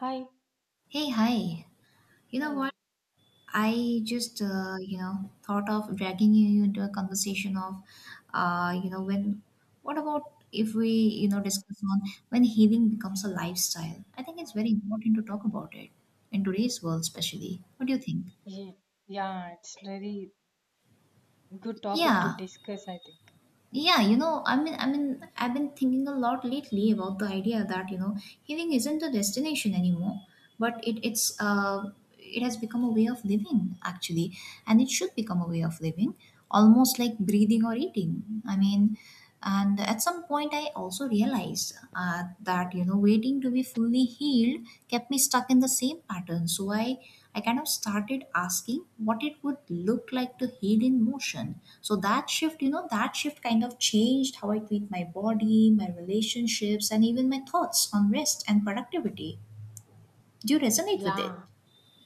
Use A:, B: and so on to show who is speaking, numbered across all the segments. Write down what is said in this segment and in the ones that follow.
A: Hi,
B: Hey, hi. You know what?
A: hi.
B: I just, thought of dragging you into a conversation of, uh, you know, when, what about if we, discuss on when healing becomes a lifestyle? I think it's very important to talk about it in today's world, especially. What do you think?
A: Ye- Yeah, it's very good topic to
B: Yeah.
A: discuss, I think.
B: Yeah, I mean, I've been thinking a lot lately about the idea that healing isn't a destination anymore, but it's it has become a way of living actually, and it should become a way of living, almost like breathing or eating. I mean, and at some point, I also realized that waiting to be fully healed kept me stuck in the same pattern. So I kind of started asking what it would look like to heal in motion, so that shift, that shift kind of changed how I treat my body, my relationships, and even my thoughts on rest and productivity. Do you resonate with it?
A: Yeah,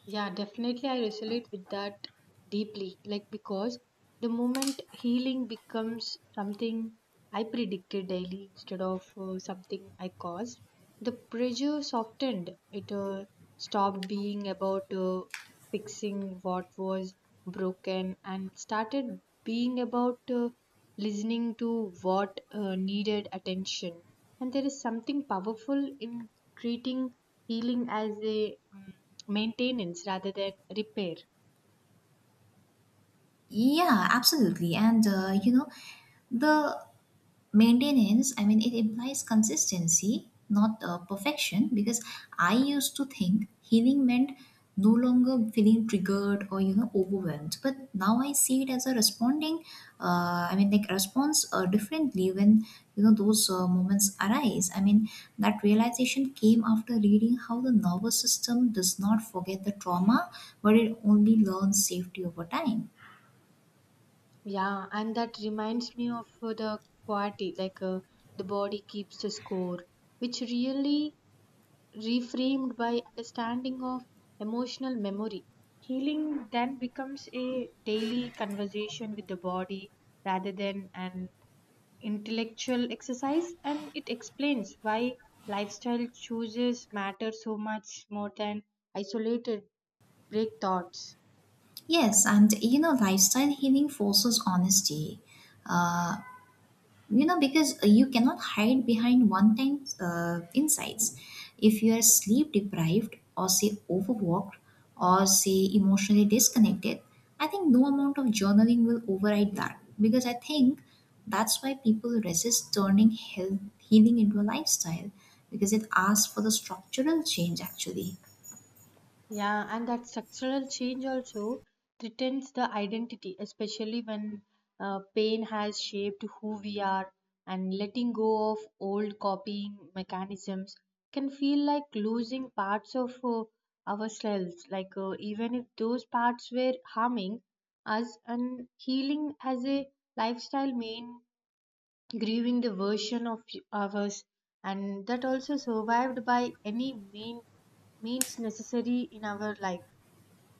A: yeah, definitely. I resonate with that deeply. Like, because the moment healing becomes something I predicted daily instead of something I caused, the pressure softened. It stopped being about fixing what was broken and started being about. Listening to what needed attention. And there is something powerful in treating healing as a maintenance rather than repair.
B: Yeah, absolutely. And the maintenance, I mean, it implies consistency, not perfection, because I used to think healing meant no longer feeling triggered or, overwhelmed. But now I see it as a responding, I mean, like response differently when, those moments arise. I mean, that realization came after reading how the nervous system does not forget the trauma, but it only learns safety over time.
A: Yeah, and that reminds me of the quality, like the body keeps the score, which really reframed by understanding of emotional memory. Healing then becomes a daily conversation with the body rather than an intellectual exercise, and it explains why lifestyle choices matter so much more than isolated break thoughts.
B: Yes, and lifestyle healing forces honesty. Uh, because you cannot hide behind one time insights. If you are sleep deprived, or say overworked, or say emotionally disconnected, I think no amount of journaling will override that, because I think that's why people resist turning healing into a lifestyle, because it asks for the structural change actually.
A: Yeah, and that structural change also threatens the identity, especially when pain has shaped who we are, and letting go of old copying mechanisms can feel like losing parts of ourselves. Like, even if those parts were harming us, and healing as a lifestyle main grieving the version of ours and that also survived by any mean, means necessary in our life.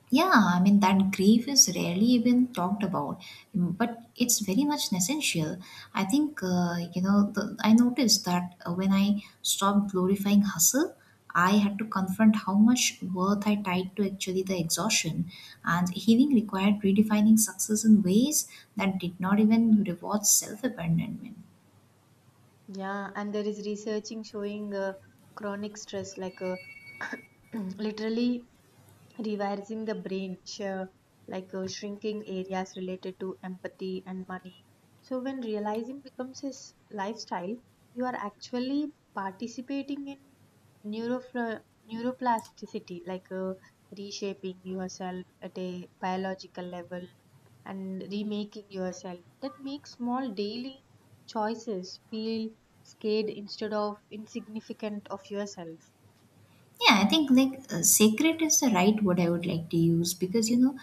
B: Yeah, I mean, that grief is rarely even talked about, but it's very much essential. I think, I noticed that when I stopped glorifying hustle, I had to confront how much worth I tied to actually the exhaustion. And healing required redefining success in ways that did not even reward self abandonment.
A: Yeah, and there is researching showing chronic stress like literally reversing the brain share like shrinking areas related to empathy and money. So when realizing becomes a lifestyle, you are actually participating in neurofla- neuroplasticity like reshaping yourself at a biological level and remaking yourself. That makes small daily choices feel scared instead of insignificant of yourself.
B: Yeah, I think like sacred is the right word I would like to use, because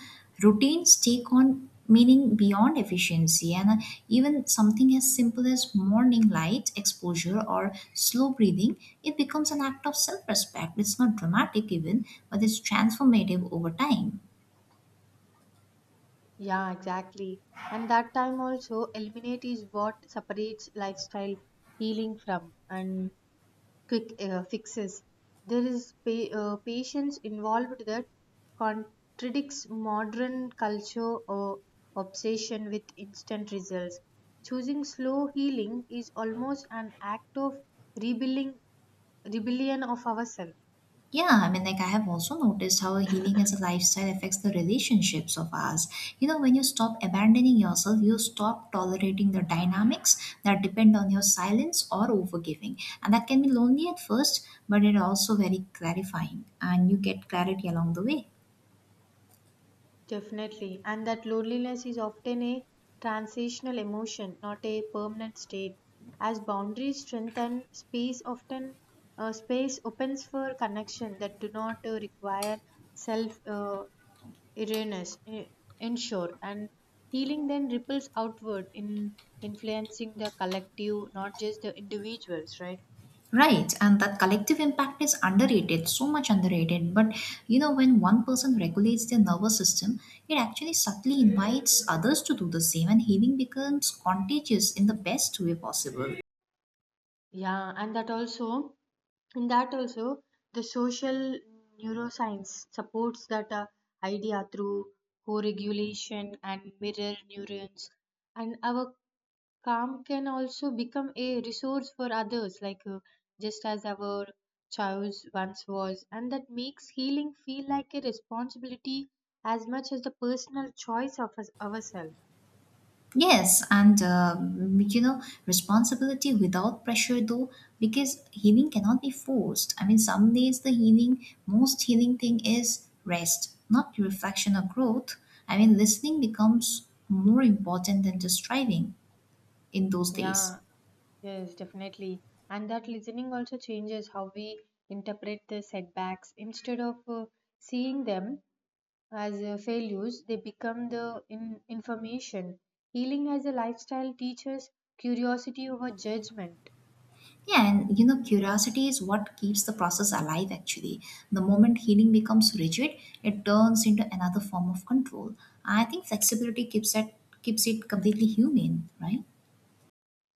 B: routines take on meaning beyond efficiency, and even something as simple as morning light exposure or slow breathing, it becomes an act of self-respect. It's not dramatic even, but it's transformative over time.
A: Yeah, exactly. And that time also, eliminate is what separates lifestyle healing from and quick fixes. There is patience involved that contradicts modern culture or obsession with instant results. Choosing slow healing is almost an act of rebuilding rebellion of ourselves.
B: Yeah, I mean, like I have also noticed how healing as a lifestyle affects the relationships of us. When you stop abandoning yourself, you stop tolerating the dynamics that depend on your silence or overgiving. And that can be lonely at first, but it also very clarifying, and you get clarity along the way.
A: Definitely. And that loneliness is often a transitional emotion, not a permanent state. As boundaries strengthen, space opens for connection that do not require self awareness. Eh, ensure, and healing then ripples outward in influencing the collective, not just the individuals, right?
B: Right, and that collective impact is underrated, so much underrated. But when one person regulates their nervous system, it actually subtly invites others to do the same, and healing becomes contagious in the best way possible.
A: Yeah, and that also the social neuroscience supports that idea through co-regulation and mirror neurons, and our calm can also become a resource for others like just as our chows once was, and that makes healing feel like a responsibility as much as the personal choice of us, ourselves.
B: Yes, and responsibility without pressure though, because healing cannot be forced. I mean, some days the most healing thing is rest, not reflection or growth. I mean, listening becomes more important than just striving in those days.
A: Yeah, yes, definitely. And that listening also changes how we interpret the setbacks. Instead of seeing them as failures, they become the in information. Healing as a lifestyle teaches curiosity over judgment.
B: Yeah, and curiosity is what keeps the process alive actually. The moment healing becomes rigid, it turns into another form of control. I think flexibility keeps it completely human, right?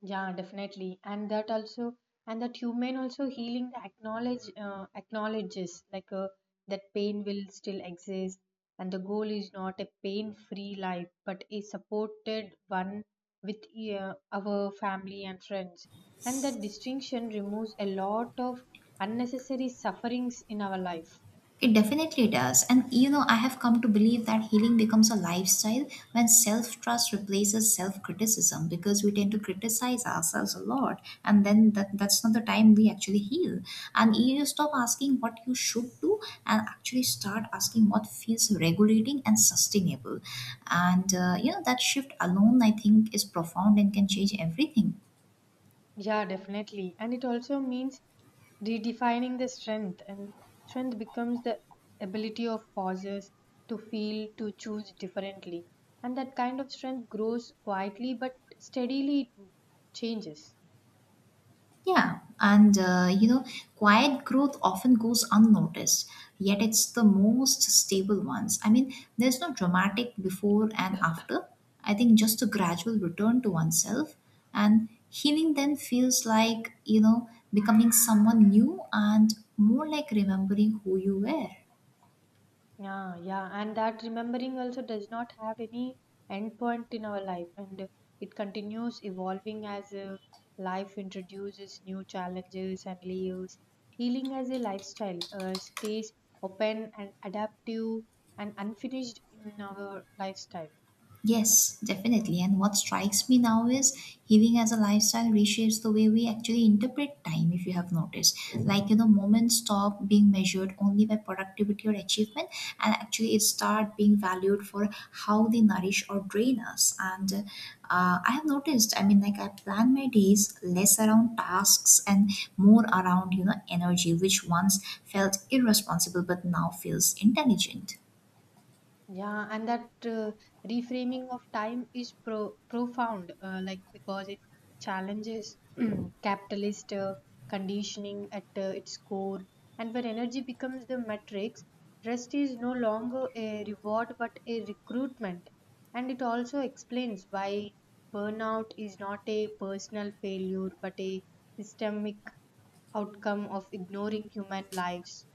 A: Yeah, definitely, and that human also healing acknowledges like that pain will still exist, and the goal is not a pain free life but a supported one with our family and friends, and that distinction removes a lot of unnecessary sufferings in our life.
B: It definitely does. And I have come to believe that healing becomes a lifestyle when self trust replaces self criticism, because we tend to criticize ourselves a lot. And then that's not the time we actually heal. And you stop asking what you should do and actually start asking what feels regulating and sustainable. And that shift alone, I think, is profound and can change everything.
A: Yeah, definitely. And it also means redefining the strength, and strength becomes the ability of pauses to feel, to choose differently. And that kind of strength grows quietly but steadily changes.
B: Yeah, and quiet growth often goes unnoticed, yet it's the most stable ones. I mean, there's no dramatic before and after. I think just a gradual return to oneself, and healing then feels like, becoming someone new and more like remembering who you were.
A: Yeah, yeah, and that remembering also does not have any end point in our life, and it continues evolving as life introduces new challenges and layers. Healing as a lifestyle stays open and adaptive and unfinished in our lifestyle.
B: Yes, definitely. And what strikes me now is healing as a lifestyle reshapes the way we actually interpret time, if you have noticed. Like, moments stop being measured only by productivity or achievement, and actually it start being valued for how they nourish or drain us. And I have noticed, I mean, like, I plan my days less around tasks and more around, energy, which once felt irresponsible but now feels intelligent.
A: Yeah, and that reframing of time is profound, like because it challenges capitalist conditioning at its core. And when energy becomes the metrics, rest is no longer a reward but a recruitment. And it also explains why burnout is not a personal failure but a systemic outcome of ignoring human lives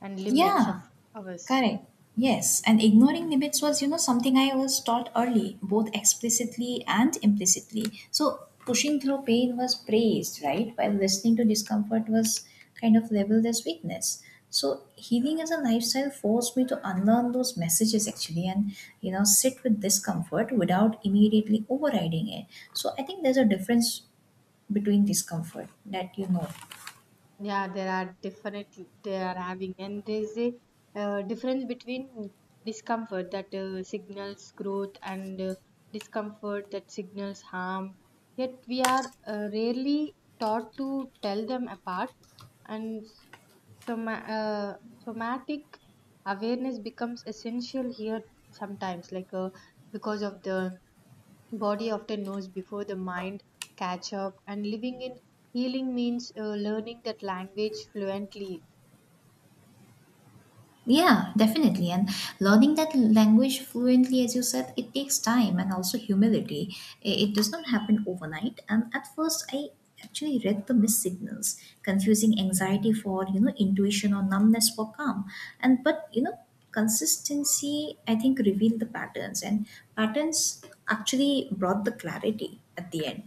A: and limits
B: Yeah.
A: of ours.
B: Correct. Yes, and ignoring limits was, something I was taught early, both explicitly and implicitly. So pushing through pain was praised, right? While listening to discomfort was kind of labeled as weakness. So healing as a lifestyle forced me to unlearn those messages actually and, sit with discomfort without immediately overriding it. So I think there's a difference between discomfort that you know.
A: Yeah, there are definitely they are having, and there's a difference between discomfort that signals growth and discomfort that signals harm. Yet we are rarely taught to tell them apart, and soma- uh, somatic awareness becomes essential here sometimes, like because of the body often knows before the mind catch up, and living in healing means learning that language fluently.
B: Yeah, definitely. And learning that language fluently, as you said, it takes time and also humility. It does not happen overnight. And at first, I actually read the missed signals, confusing anxiety for intuition, or numbness for calm. And but consistency, I think, revealed the patterns, and patterns actually brought the clarity at the end.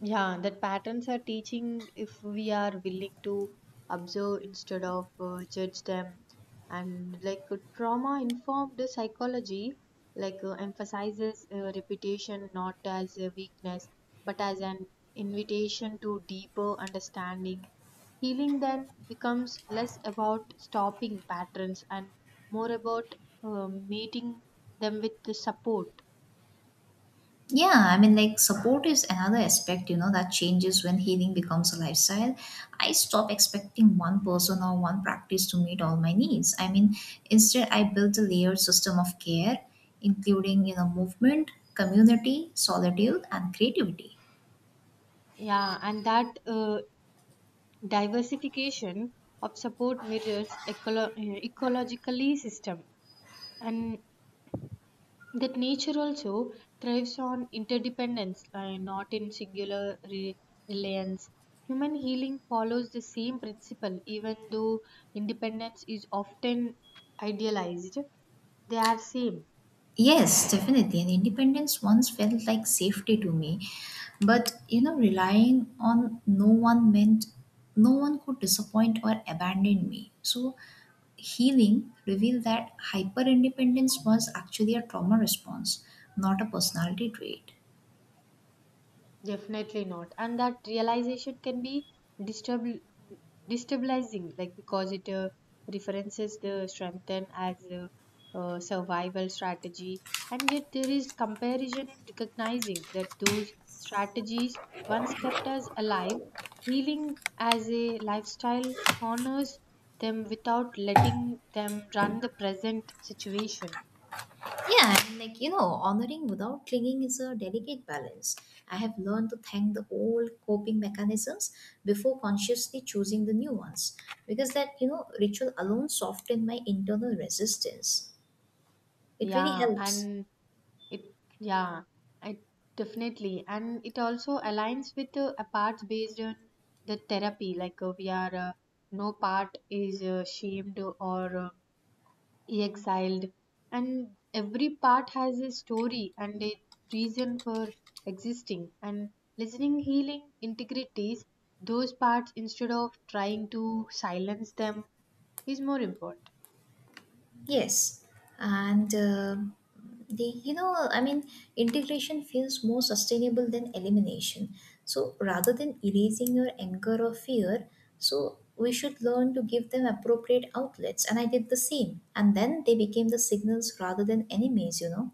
A: Yeah, that patterns are teaching if we are willing to observe instead of judge them. And like trauma informed psychology, like emphasizes repetition not as a weakness but as an invitation to deeper understanding. Healing then becomes less about stopping patterns and more about meeting them with the support.
B: Yeah, I mean, like, support is another aspect, that changes when healing becomes a lifestyle. I stop expecting one person or one practice to meet all my needs. I mean, instead, I built a layered system of care, including, movement, community, solitude, and creativity.
A: Yeah, and that diversification of support mirrors ecologically system, and that nature also thrives on interdependence not in singular reliance. Human healing follows the same principle, even though independence is often idealized. They are same.
B: Yes, definitely. And independence once felt like safety to me. But, relying on no one meant no one could disappoint or abandon me. So healing revealed that hyper independence was actually a trauma response, not a personality trait.
A: Definitely not. And that realization can be destabil- destabilizing, like because it references the strengthen as a, uh, survival strategy, and yet there is comparison in recognizing that those strategies once kept us alive. Healing as a lifestyle honors them without letting them run the present situation.
B: Yeah, and like honoring without clinging is a delicate balance. I have learned to thank the old coping mechanisms before consciously choosing the new ones, because that ritual alone softened my internal resistance. It really
A: Yeah,
B: helps.
A: and It yeah, it definitely, and it also aligns with a part based on the therapy. Like we are, no part is shamed or exiled, and every part has a story and a reason for existing. And listening, healing, integrities, those parts instead of trying to silence them is more important.
B: Yes, and the you know I mean integration feels more sustainable than elimination. So rather than erasing your anger or fear, so we should learn to give them appropriate outlets. And I did the same, and then they became the signals rather than enemies.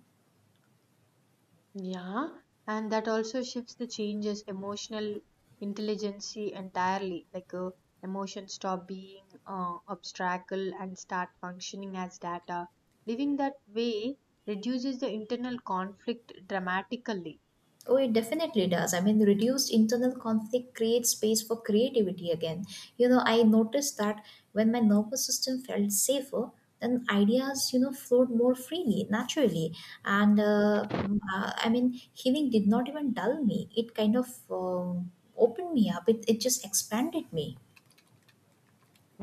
A: Yeah, and that also shifts the changes emotional intelligence entirely. Like emotions stop being obstacle and start functioning as data. Living that way reduces the internal conflict dramatically.
B: Oh, it definitely does. I mean, reduced internal conflict creates space for creativity again. I noticed that when my nervous system felt safer, then ideas, flowed more freely, naturally. And I mean, healing did not even dull me, it kind of opened me up, it just expanded me.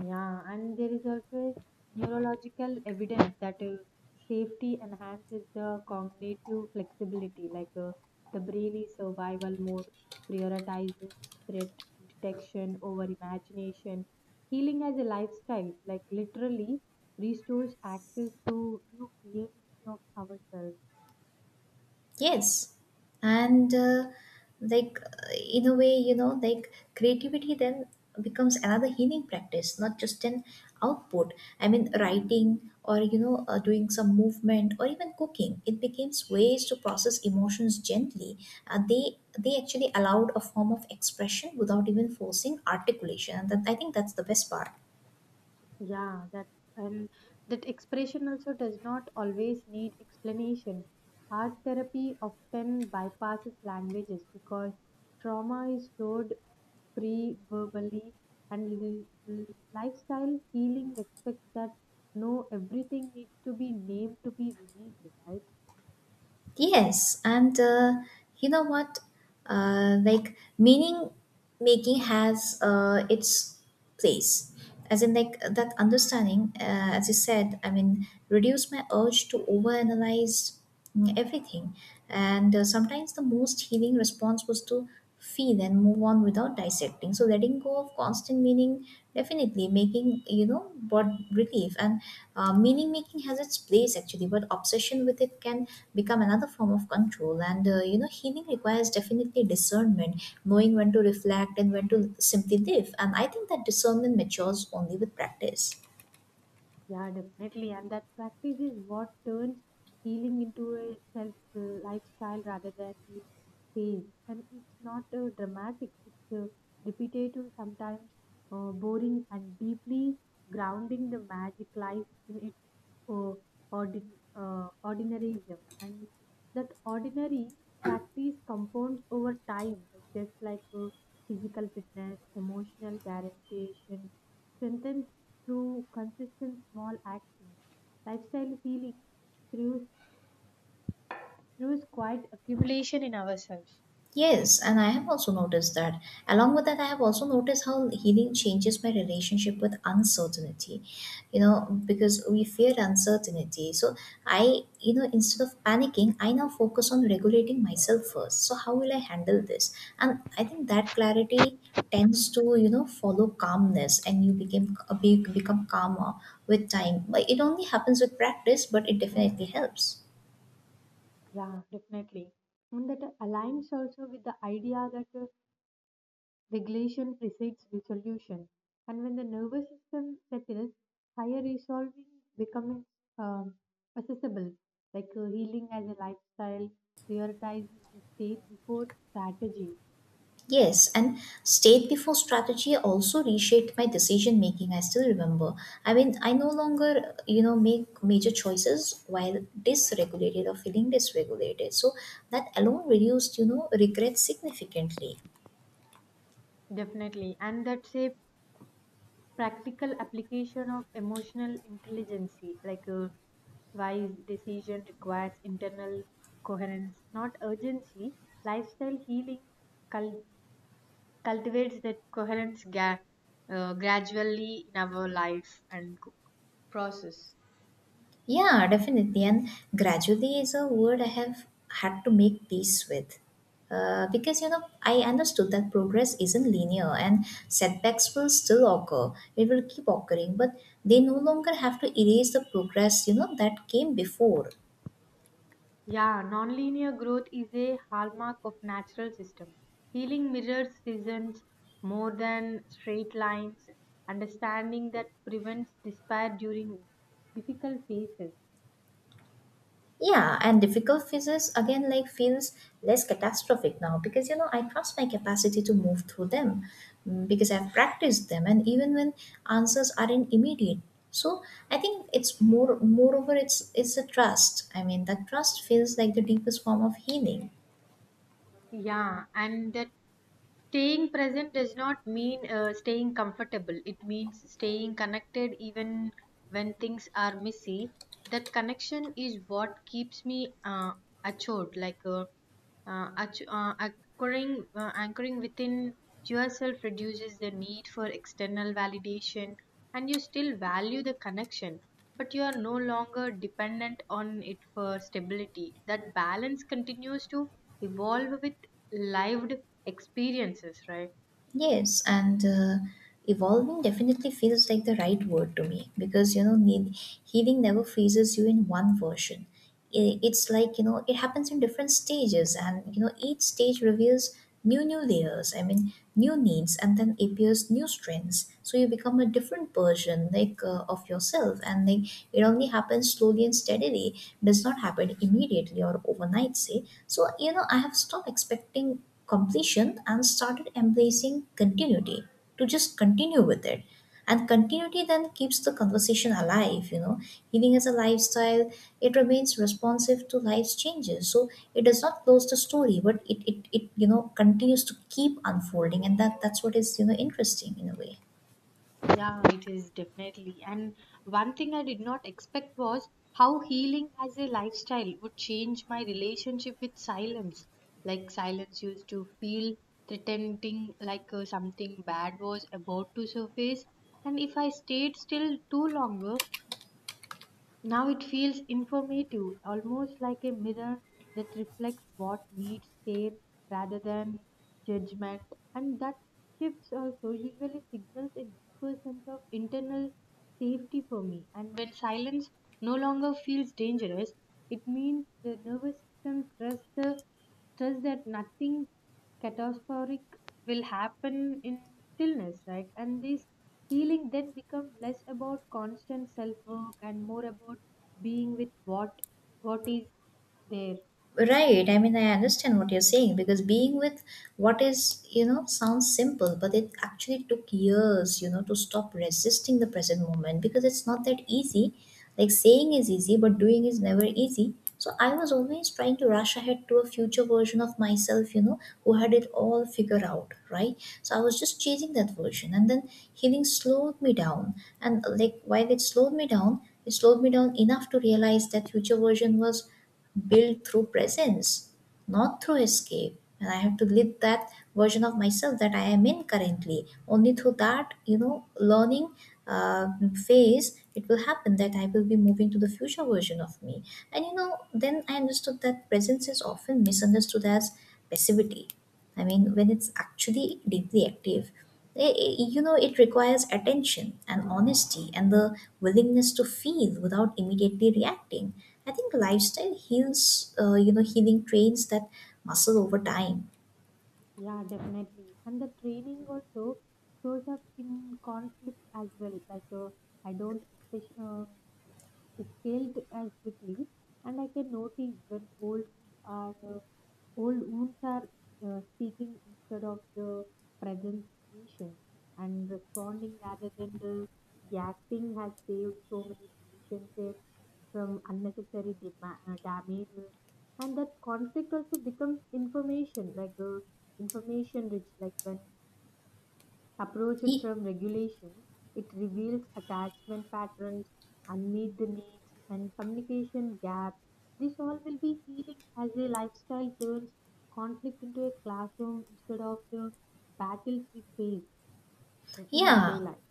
A: Yeah, and there is also neurological evidence that safety enhances the cognitive flexibility, like the brain is survival mode, prioritizes threat detection over imagination. Healing as a lifestyle, like literally, restores access to new creativity of ourselves.
B: Yes, and like in a way, like creativity then becomes another healing practice, not just an output. I mean, writing or doing some movement or even cooking. It becomes ways to process emotions gently. They actually allowed a form of expression without even forcing articulation, and that, I think, that's the best part.
A: Yeah, that, and that expression also does not always need explanation. Art therapy often bypasses languages because trauma is stored pre-verbally, and lifestyle healing expects that no everything needs to be named to be released, right?
B: Yes, and you know what? Like meaning making has its place, as in like that understanding. As you said, I mean, reduce my urge to overanalyze everything, and sometimes the most healing response was to feel and move on without dissecting. So letting go of constant meaning definitely making brought relief, and meaning making has its place actually, but obsession with it can become another form of control. And healing requires definitely discernment, knowing when to reflect and when to simply live. And I think that discernment matures only with practice.
A: Yeah, definitely. And that practice is what turns healing into a self lifestyle rather than a phase. And it's not dramatic, it's repetitive, sometimes boring, and deeply grounding. The magic lies in its uh, ordinaryism. And that ordinary practice compounds over time, like just like physical fitness, emotional guaranteeation, strengthened through consistent small actions, lifestyle healing through through quiet accumulation in ourselves.
B: Yes, and I have also noticed that. Along with that, I have also noticed how healing changes my relationship with uncertainty, because we fear uncertainty. So, instead of panicking, I now focus on regulating myself first. So, how will I handle this? And I think that clarity tends to, follow calmness, and you become calmer with time. But it only happens with practice, but it definitely helps.
A: Yeah, definitely. And that aligns also with the idea that regulation precedes resolution. And when the nervous system settles, higher resolving becomes um, accessible, like healing as a lifestyle prioritizes the state before strategy.
B: Yes, and state before strategy also reshaped my decision making. I still remember. I mean, I no longer, make major choices while dysregulated or feeling dysregulated. So that alone reduced, regret significantly.
A: Definitely. And that's a practical application of emotional intelligence, like a wise decision requires internal coherence, not urgency. Lifestyle healing cul- cultivates that coherence gradually in our life and process.
B: Yeah, definitely. And gradually is a word I have had to make peace with. Because I understood that progress isn't linear and setbacks will still occur. It will keep occurring, but they no longer have to erase the progress, that came before.
A: Yeah, nonlinear growth is a hallmark of natural system. Healing mirrors seasons more than straight lines. Understanding that prevents despair during difficult phases.
B: Yeah, and difficult phases again like feels less catastrophic now because you know I trust my capacity to move through them, because I've practiced them and even when answers aren't immediate. So I think it's moreover it's a trust. I mean that trust feels like the deepest form of healing.
A: Yeah, and that staying present does not mean staying comfortable. It means staying connected even when things are messy. That connection is what keeps me achot, like uh, anchoring, anchoring within yourself reduces the need for external validation, and you still value the connection, but you are no longer dependent on it for stability. That balance continues to evolve with lived experiences, right?
B: Yes, and evolving definitely feels like the right word to me because you know need, healing never phases you in one version. It's like you know it happens in different stages, and you know each stage reveals new layers, I mean new needs and then appears new strengths, so you become a different version like, of yourself. And like it only happens slowly and steadily, does not happen immediately or overnight, say. So you know I have stopped expecting completion and started embracing continuity, to just continue with it. And continuity then keeps the conversation alive, you know, healing as a lifestyle. It remains responsive to life's changes, so it does not close the story, but it you know continues to keep unfolding. And that's what is you know interesting in a way.
A: Yeah, it is definitely. And one thing I did not expect was how healing as a lifestyle would change my relationship with silence. Like, silence used to feel threatening, like something bad was about to surface. And if I stayed still too longer, now it feels informative, almost like a mirror that reflects what needs care rather than judgment. And that shifts also usually signals a deeper sense of internal safety for me. And when silence no longer feels dangerous, it means the nervous system trusts, the, trusts that nothing catastrophic will happen in stillness, right? And this healing then becomes less about constant self work and more about being with what is there.
B: Right. I mean, I understand what you're saying because being with what is, you know, sounds simple, but it actually took years, you know, to stop resisting the present moment because it's not that easy. Like saying is easy, but doing is never easy. So I was always trying to rush ahead to a future version of myself, you know, who had it all figured out, right? So I was just chasing that version. And then healing slowed me down. And like while it slowed me down, it slowed me down enough to realize that future version was built through presence, not through escape. And I have to live that version of myself that I am in currently. Only through that, you know, learning uh, phase, it will happen that I will be moving to the future version of me. And you know, then I understood that presence is often misunderstood as passivity. I mean, when it's actually deeply active, you know, it requires attention and honesty and the willingness to feel without immediately reacting. I think lifestyle heals, you know, healing trains that muscle over time.
A: Yeah, definitely. And the training also shows up in conflict as well. Like I don't especially. Scaled as quickly, and I can notice when old wounds are speaking instead of the present situation, and responding rather than the reacting has saved so many relationships from unnecessary damages. And that conflict also becomes information, like information rich, like when approached
B: Ye-
A: from regulation, it reveals attachment patterns, unmet needs, and communication gaps. This all will be healing as a lifestyle turns conflict into a classroom instead of the battles we face in our
B: Yeah,
A: day life.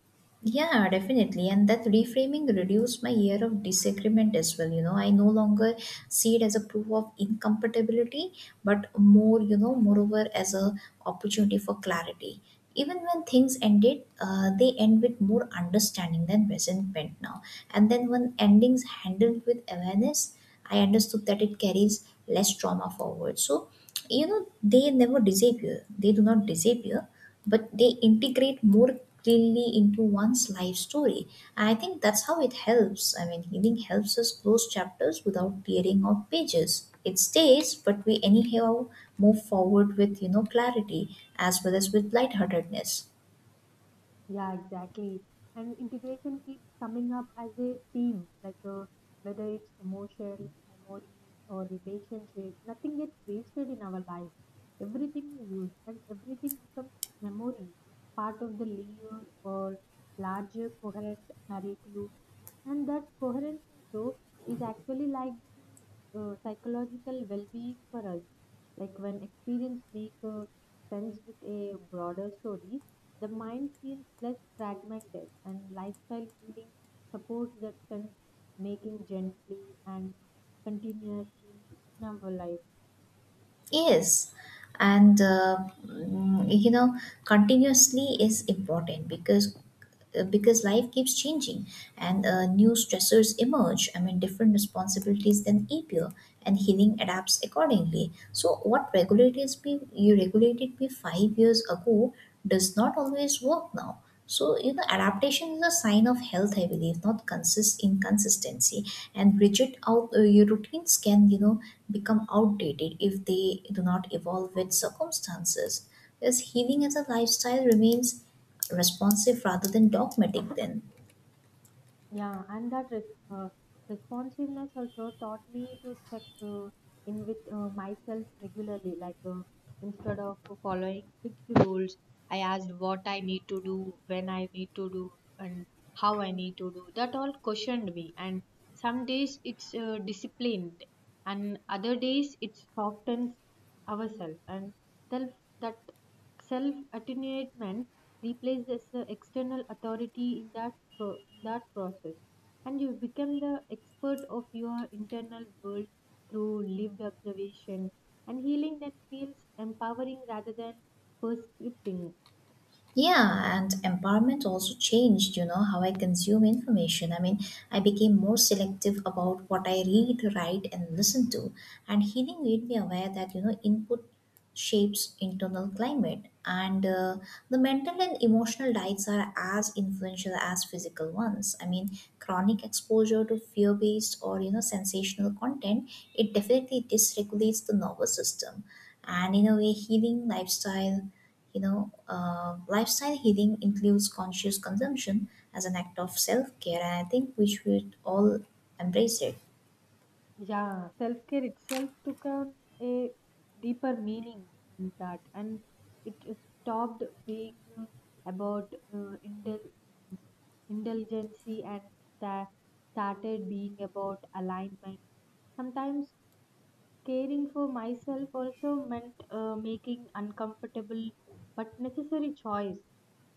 B: yeah, definitely. And that reframing reduced my year of disagreement as well. You know, I no longer see it as a proof of incompatibility, but more, you know, moreover as a opportunity for clarity. Even when things ended, they end with more understanding than resentment now. And then when endings handled with awareness, I understood that it carries less trauma forward. So you know they never disappear, they do not disappear, but they integrate more cleanly into one's life story. And I think that's how it helps, I mean healing helps us close chapters without tearing out pages. It stays, but we anyhow move forward with you know clarity as well as with lightheartedness.
A: Yeah, exactly. And integration keeps coming up as a theme, like whether it's emotion, memory, or relationship, nothing gets wasted in our life. Everything is used, and everything becomes memory, part of the layer or larger coherent narrative. And that coherence also is actually like to psychological well being for us. Like when experience makes sense with a broader story, the mind feels less fragmented, and lifestyle healing supports that sense, making gently and continuously in our life.
B: Yes, and you know, continuously is important because life keeps changing, and new stressors emerge. I mean, different responsibilities then appear, and healing adapts accordingly. So what regulators be you regulated me 5 years ago does not always work now. So you know adaptation is a sign of health, I believe, not consist inconsistency. And rigid out your routines can you know become outdated if they do not evolve with circumstances. Thus, healing as a lifestyle remains responsive rather than dogmatic. Then.
A: Yeah, and that uh, responsiveness also taught me to check in with myself regularly. Like instead of following fixed rules, I asked what I need to do, when I need to do, and how I need to do. That all questioned me. And some days it's disciplined, and other days it softens ourselves. And self that self attunement replaced as the external authority in that in that process, and you become the expert of your internal world through lived observation, and healing that feels empowering rather than prescripting.
B: Yeah, and empowerment also changed, you know, how I consume information. I mean, I became more selective about what I read, write, and listen to. And healing made me aware that, you know, input shapes internal climate. And the mental and emotional diets are as influential as physical ones. I mean, chronic exposure to fear based or, you know, sensational content, it definitely dysregulates the nervous system. And in a way, healing lifestyle you know, lifestyle healing includes conscious consumption as an act of self care, and I think we should all embrace it.
A: Yeah, self-care itself took on a deeper meaning in that, and it stopped being about mm, indulgency and sta- started being about alignment. Sometimes caring for myself also meant making uncomfortable but necessary choice.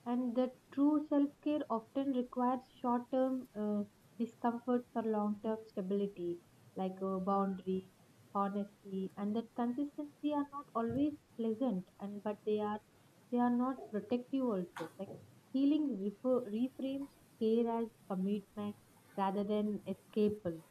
A: And the true self care often requires short term discomfort for long term stability, like boundaries, honesty, and that consistency are not always pleasant, and but they are not protective also. Like healing refer, reframes care as commitment rather than escapal.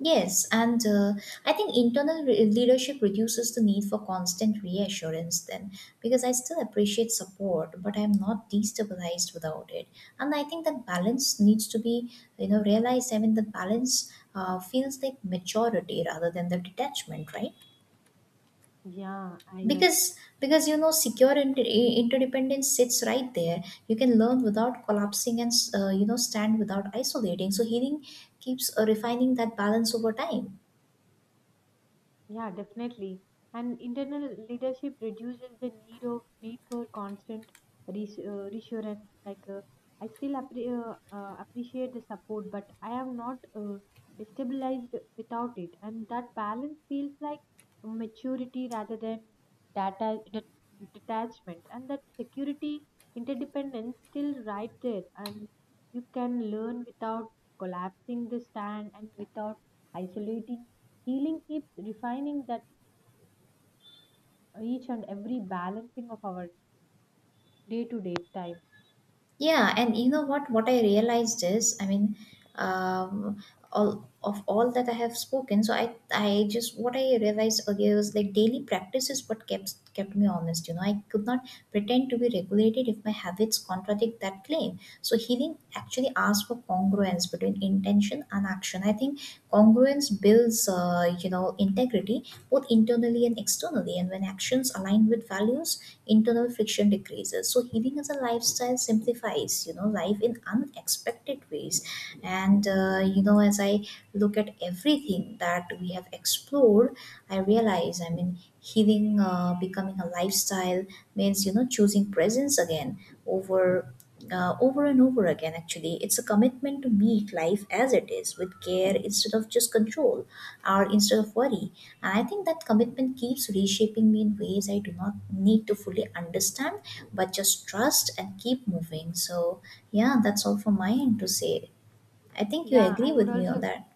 B: Yes, and I think internal leadership reduces the need for constant reassurance then because I still appreciate support, but I'm not destabilized without it. And I think that balance needs to be, you know, realized. I mean, the balance feels like maturity rather than the detachment, right?
A: Yeah, I yes.
B: Because you know secure interdependence sits right there, you can learn without collapsing and you know stand without isolating, so healing keeps refining that balance over time.
A: Yeah, definitely. And internal leadership reduces the need for constant reassurance. Like I still appreciate the support, but I am not destabilized without it. And that balance feels like maturity rather than data detachment. And that security interdependence still right there. And you can learn without collapsing the stand and without isolating. Healing keeps refining that each and every balancing of our day to day time.
B: Yeah, and you know what? What I realized is, I mean, um, all that I have spoken, so I just what I realized earlier was like daily practice is what kept me honest. You know, I could not pretend to be regulated if my habits contradict that claim. So healing actually asks for congruence between intention and action. I think congruence builds, you know, integrity both internally and externally. And when actions align with values, internal friction decreases, so healing as a lifestyle simplifies you know life in unexpected ways. And you know as I look at everything that we have explored, I realize, I mean healing becoming a lifestyle means you know choosing presence again over, over and over again. Actually it's a commitment to meet life as it is with care instead of just control, or instead of worry. And I think that commitment keeps reshaping me in ways I do not need to fully understand, but just trust and keep moving. So, yeah, that's all from my end to say. I think you
A: Yeah,
B: agree
A: I would
B: with me on
A: also,
B: that.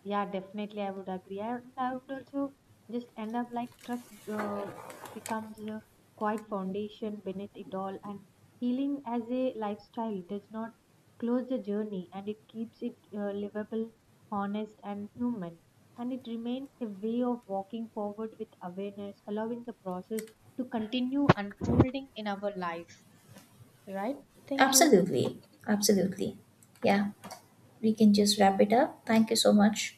A: yeah, definitely, I would agree. And I would also just end up like trust becomes a quiet foundation beneath it all. And healing as a lifestyle does not close the journey, and it keeps it livable, honest, and human. And it remains a way of walking forward with awareness, allowing the process to continue unfolding in our life. Right? Thank you.
B: Absolutely. Absolutely. Yeah, we can just wrap it up. Thank you so much.